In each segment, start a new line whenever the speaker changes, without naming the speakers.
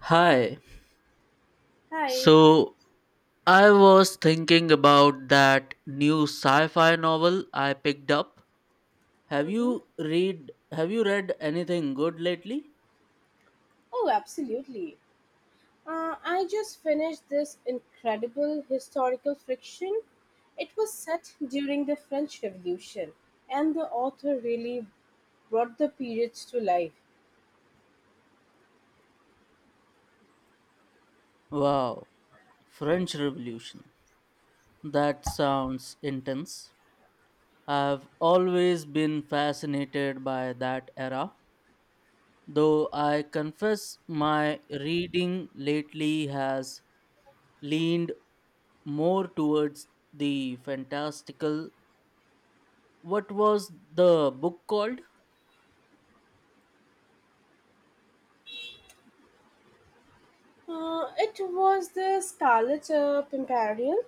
Hi.
Hi.
So I was thinking about that new sci-fi novel I picked up. Have
Mm-hmm.
you read have you read anything good lately?
Oh, absolutely. I just finished this incredible historical fiction. It was set during the French Revolution, and the author really brought the periods to life.
Wow. French Revolution. That sounds intense. I've always been fascinated by that era, though I confess my reading lately has leaned more towards the fantastical. What was the book called?
It was the Scarlet Pimperial.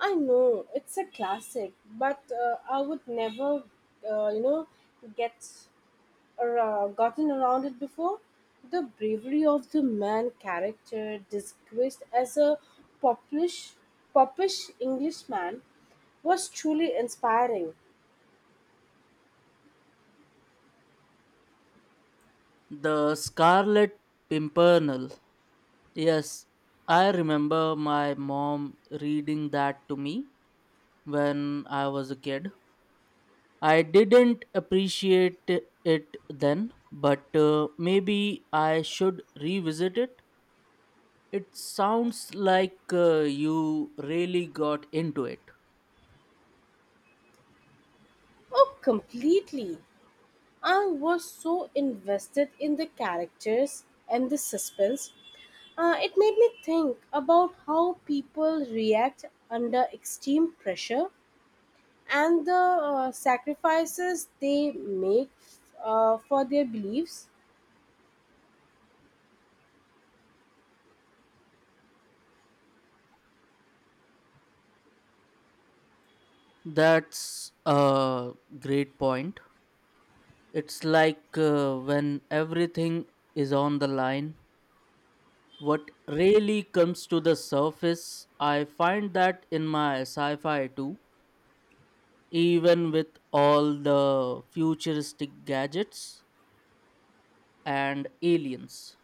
I know it's a classic, but I would never, uh, you know, get or, gotten around it before. The bravery of the man character, disguised as a popish, popish Englishman, was truly inspiring.
The Scarlet Pimpernel. Yes, I remember my mom reading that to me when I was a kid. I didn't appreciate it then, but maybe I should revisit it. It sounds like you really got into it.
Oh, completely! I was so invested in the characters and the suspense. It made me think about how people react under extreme pressure and the sacrifices they make for their beliefs.
That's a great point. It's like when everything is on the line, what really comes to the surface. I find that in my sci-fi too, even with all the futuristic gadgets and aliens,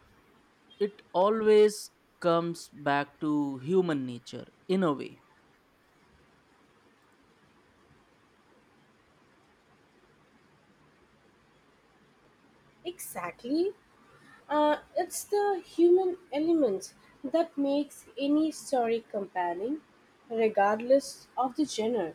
it always comes back to human nature in a way.
Exactly. It's the human element that makes any story compelling, regardless of the genre.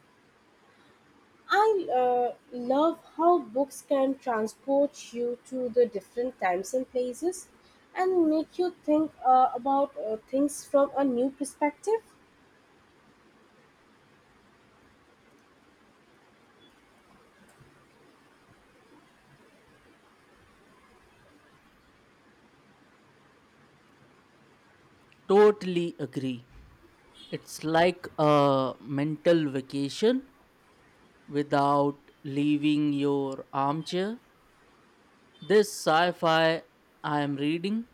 I love how books can transport you to the different times and places and make you think about things from a new perspective.
Totally agree, it's like a mental vacation without leaving your armchair. This sci fi I am reading,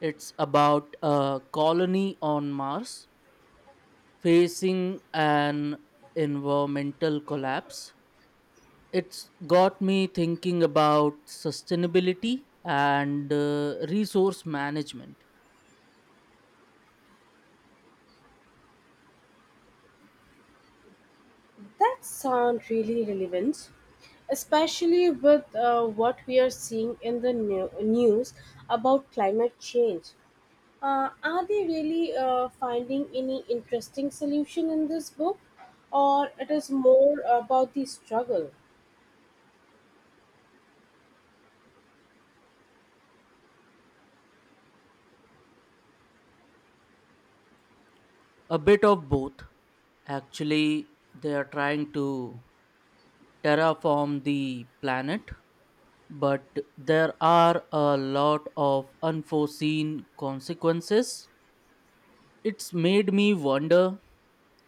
it's about a colony on Mars facing an environmental collapse. It's got me thinking about sustainability and resource management.
That sound really relevant, especially with what we are seeing in the news about climate change. Are they really finding any interesting solution in this book, or it is more about the struggle?
A bit of both. Actually, they are trying to terraform the planet, but there are a lot of unforeseen consequences. It's made me wonder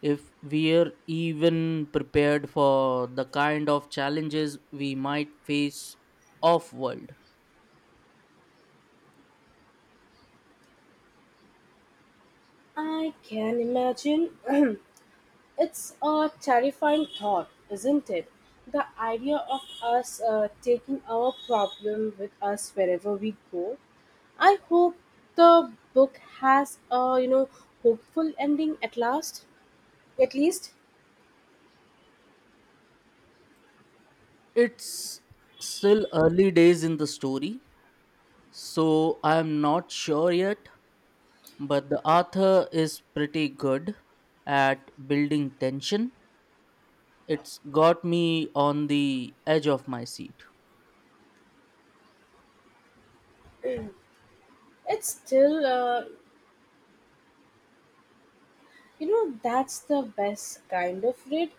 if we're even prepared for the kind of challenges we might face off world.
I can imagine. It's a terrifying thought, isn't it? The idea of us taking our problem with us wherever we go. I hope the book has a hopeful ending at last. At least
It's still early days in the story, so I'm not sure yet, but the author is pretty good at building tension. It's got me on the edge of my seat.
it's still you know, that's the best kind of read.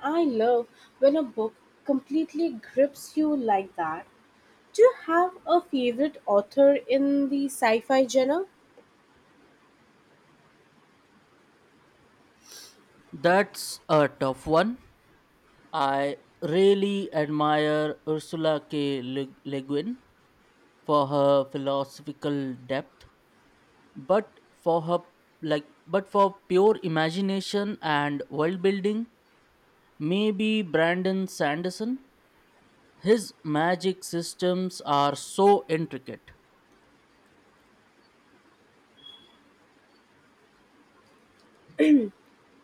I love when a book completely grips you like that. Do you have a favorite author in the sci fi genre?
That's a tough one. I really admire Ursula K. Le Guin for her philosophical depth, but for her like but for pure imagination and world building, maybe Brandon Sanderson. His magic systems are so intricate.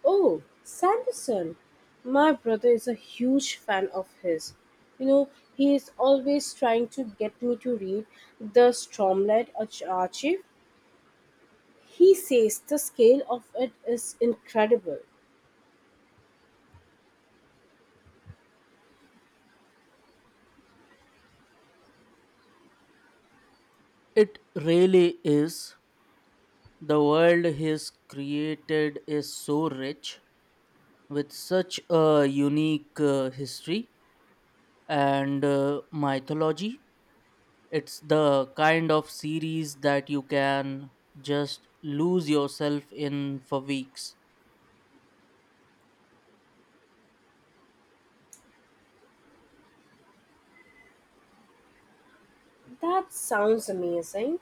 Oh, Sanderson. My brother is a huge fan of his. You know, he is always trying to get me to read The Archive. He says the scale of it is incredible.
It really is. The world he's created is so rich with such a unique history and mythology. It's the kind of series that you can just lose yourself in for weeks.
That sounds amazing.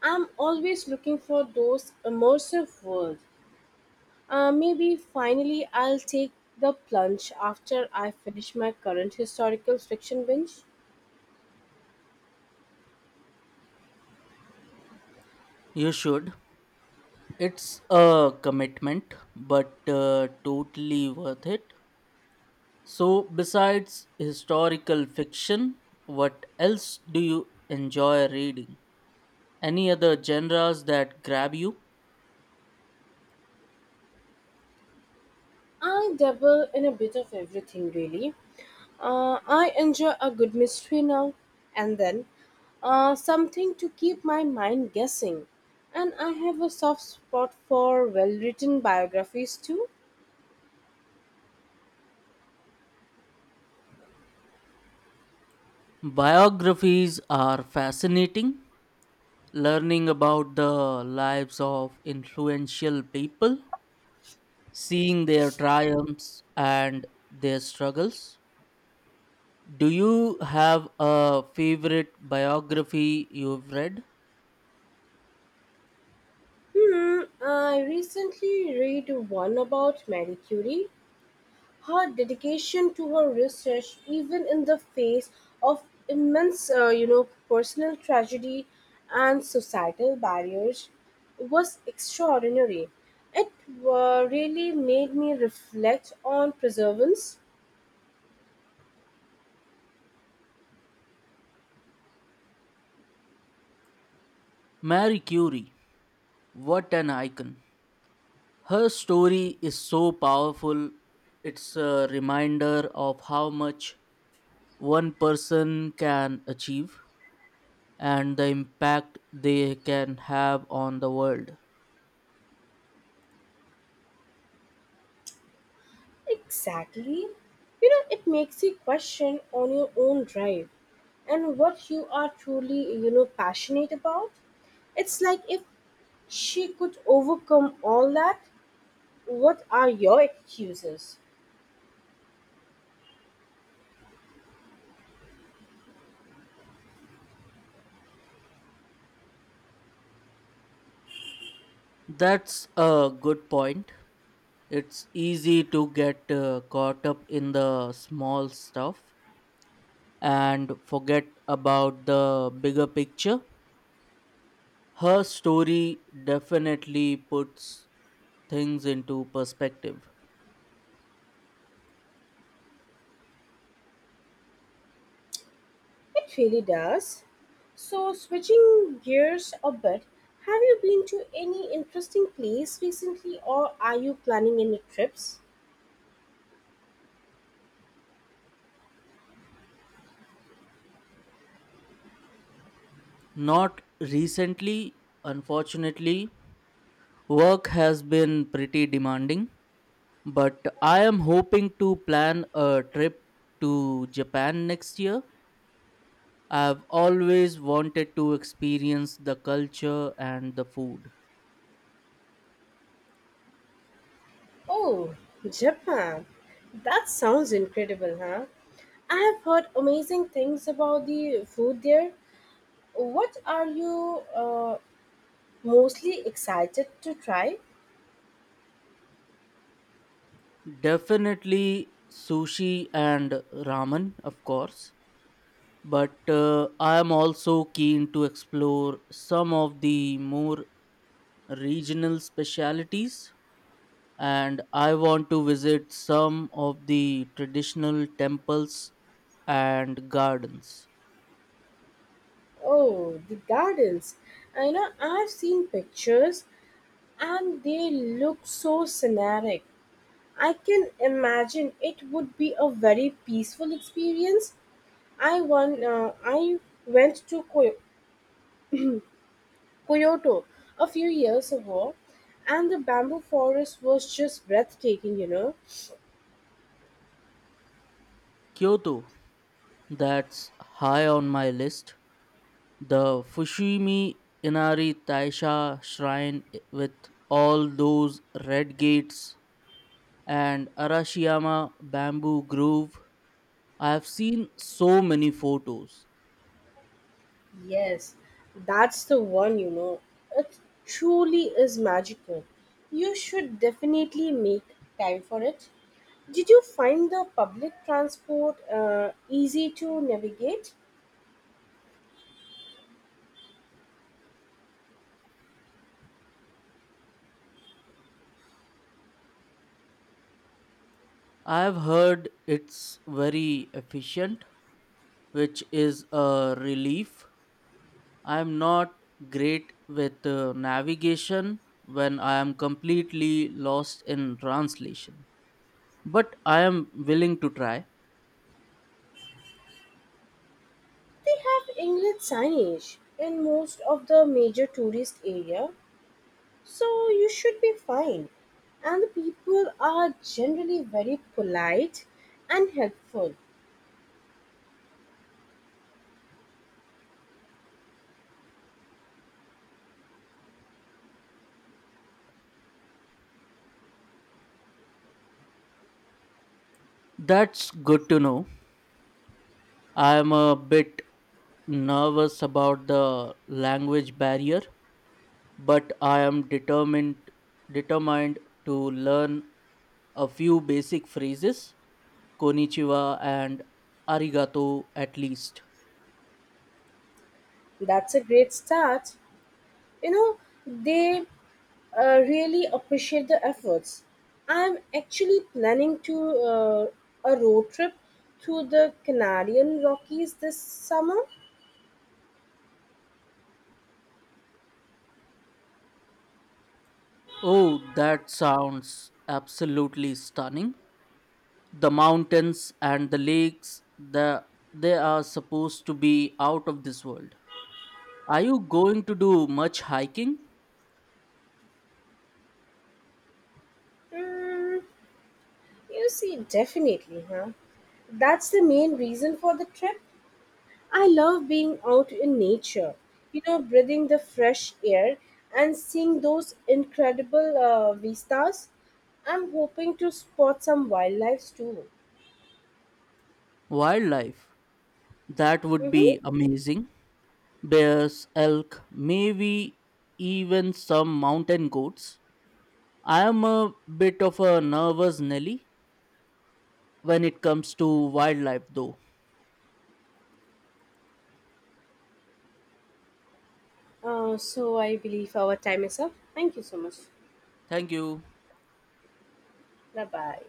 I'm always looking for those immersive worlds. Maybe finally I'll take the plunge after I finish my current historical fiction binge.
You should. It's a commitment, but totally worth it. So, besides historical fiction, what else do you enjoy reading? Any other genres that grab you?
I dabble in a bit of everything, really. I enjoy a good mystery now and then, something to keep my mind guessing. And I have a soft spot for well written biographies too.
Biographies are fascinating. Learning about the lives of influential people, seeing their triumphs and their struggles. Do you have a favorite biography you've read?
I recently read one about Marie Curie. Her dedication to her research, even in the face of immense, personal tragedy and societal barriers, was extraordinary. It really made me reflect on perseverance.
Marie Curie, what an icon. Her story is so powerful. It's a reminder of how much one person can achieve and the impact they can have on the world.
Exactly. You know, it makes you question on your own drive and what you are truly, passionate about. It's like if she could overcome all that, what are your excuses?
That's a good point. It's easy to get caught up in the small stuff and forget about the bigger picture. Her story definitely puts things into perspective.
It really does. So, switching gears a bit, have you been to any interesting place recently or are you planning any trips?
Not recently, unfortunately. Work has been pretty demanding, but I am hoping to plan a trip to Japan next year. I've always wanted to experience the culture and the food.
Oh, Japan. That sounds incredible, huh? I have heard amazing things about the food there. What are you mostly excited to try?
Definitely sushi and ramen, of course, but I am also keen to explore some of the more regional specialities, and I want to visit some of the traditional temples and gardens.
Oh, the gardens. I know I've seen pictures and they look so scenic. I can imagine it would be a very peaceful experience. I went to Kyoto a few years ago, and the bamboo forest was just breathtaking, you know.
Kyoto, that's high on my list. The Fushimi Inari Taisha shrine with all those red gates, and Arashiyama bamboo grove. I have seen so many photos.
Yes, that's the one, you know. It truly is magical. You should definitely make time for it. Did you find the public transport easy to navigate?
I've heard it's very efficient, which is a relief. I'm not great with navigation when I am completely lost in translation, but I am willing to try.
They have English signage in most of the major tourist area, so you should be fine. And the people are generally very polite and helpful.
That's good to know. I am a bit nervous about the language barrier, but I am determined to learn a few basic phrases. Konichiwa and arigato, at least.
That's a great start. You know, they really appreciate the efforts. I'm actually planning to uh, a road trip through the Canadian Rockies this summer.
Oh, that sounds absolutely stunning. The mountains and the lakes, the, they are supposed to be out of this world. Are you going to do much hiking?
Mm, you see, definitely, huh? That's the main reason for the trip. I love being out in nature, you know, breathing the fresh air and seeing those incredible vistas. I'm hoping to spot some wildlife too.
Wildlife. That would
Mm-hmm.
be amazing. Bears, elk, maybe even some mountain goats. I am a bit of a nervous Nelly when it comes to wildlife, though.
So I believe our time is up. Thank you so much.
Thank you.
Bye bye.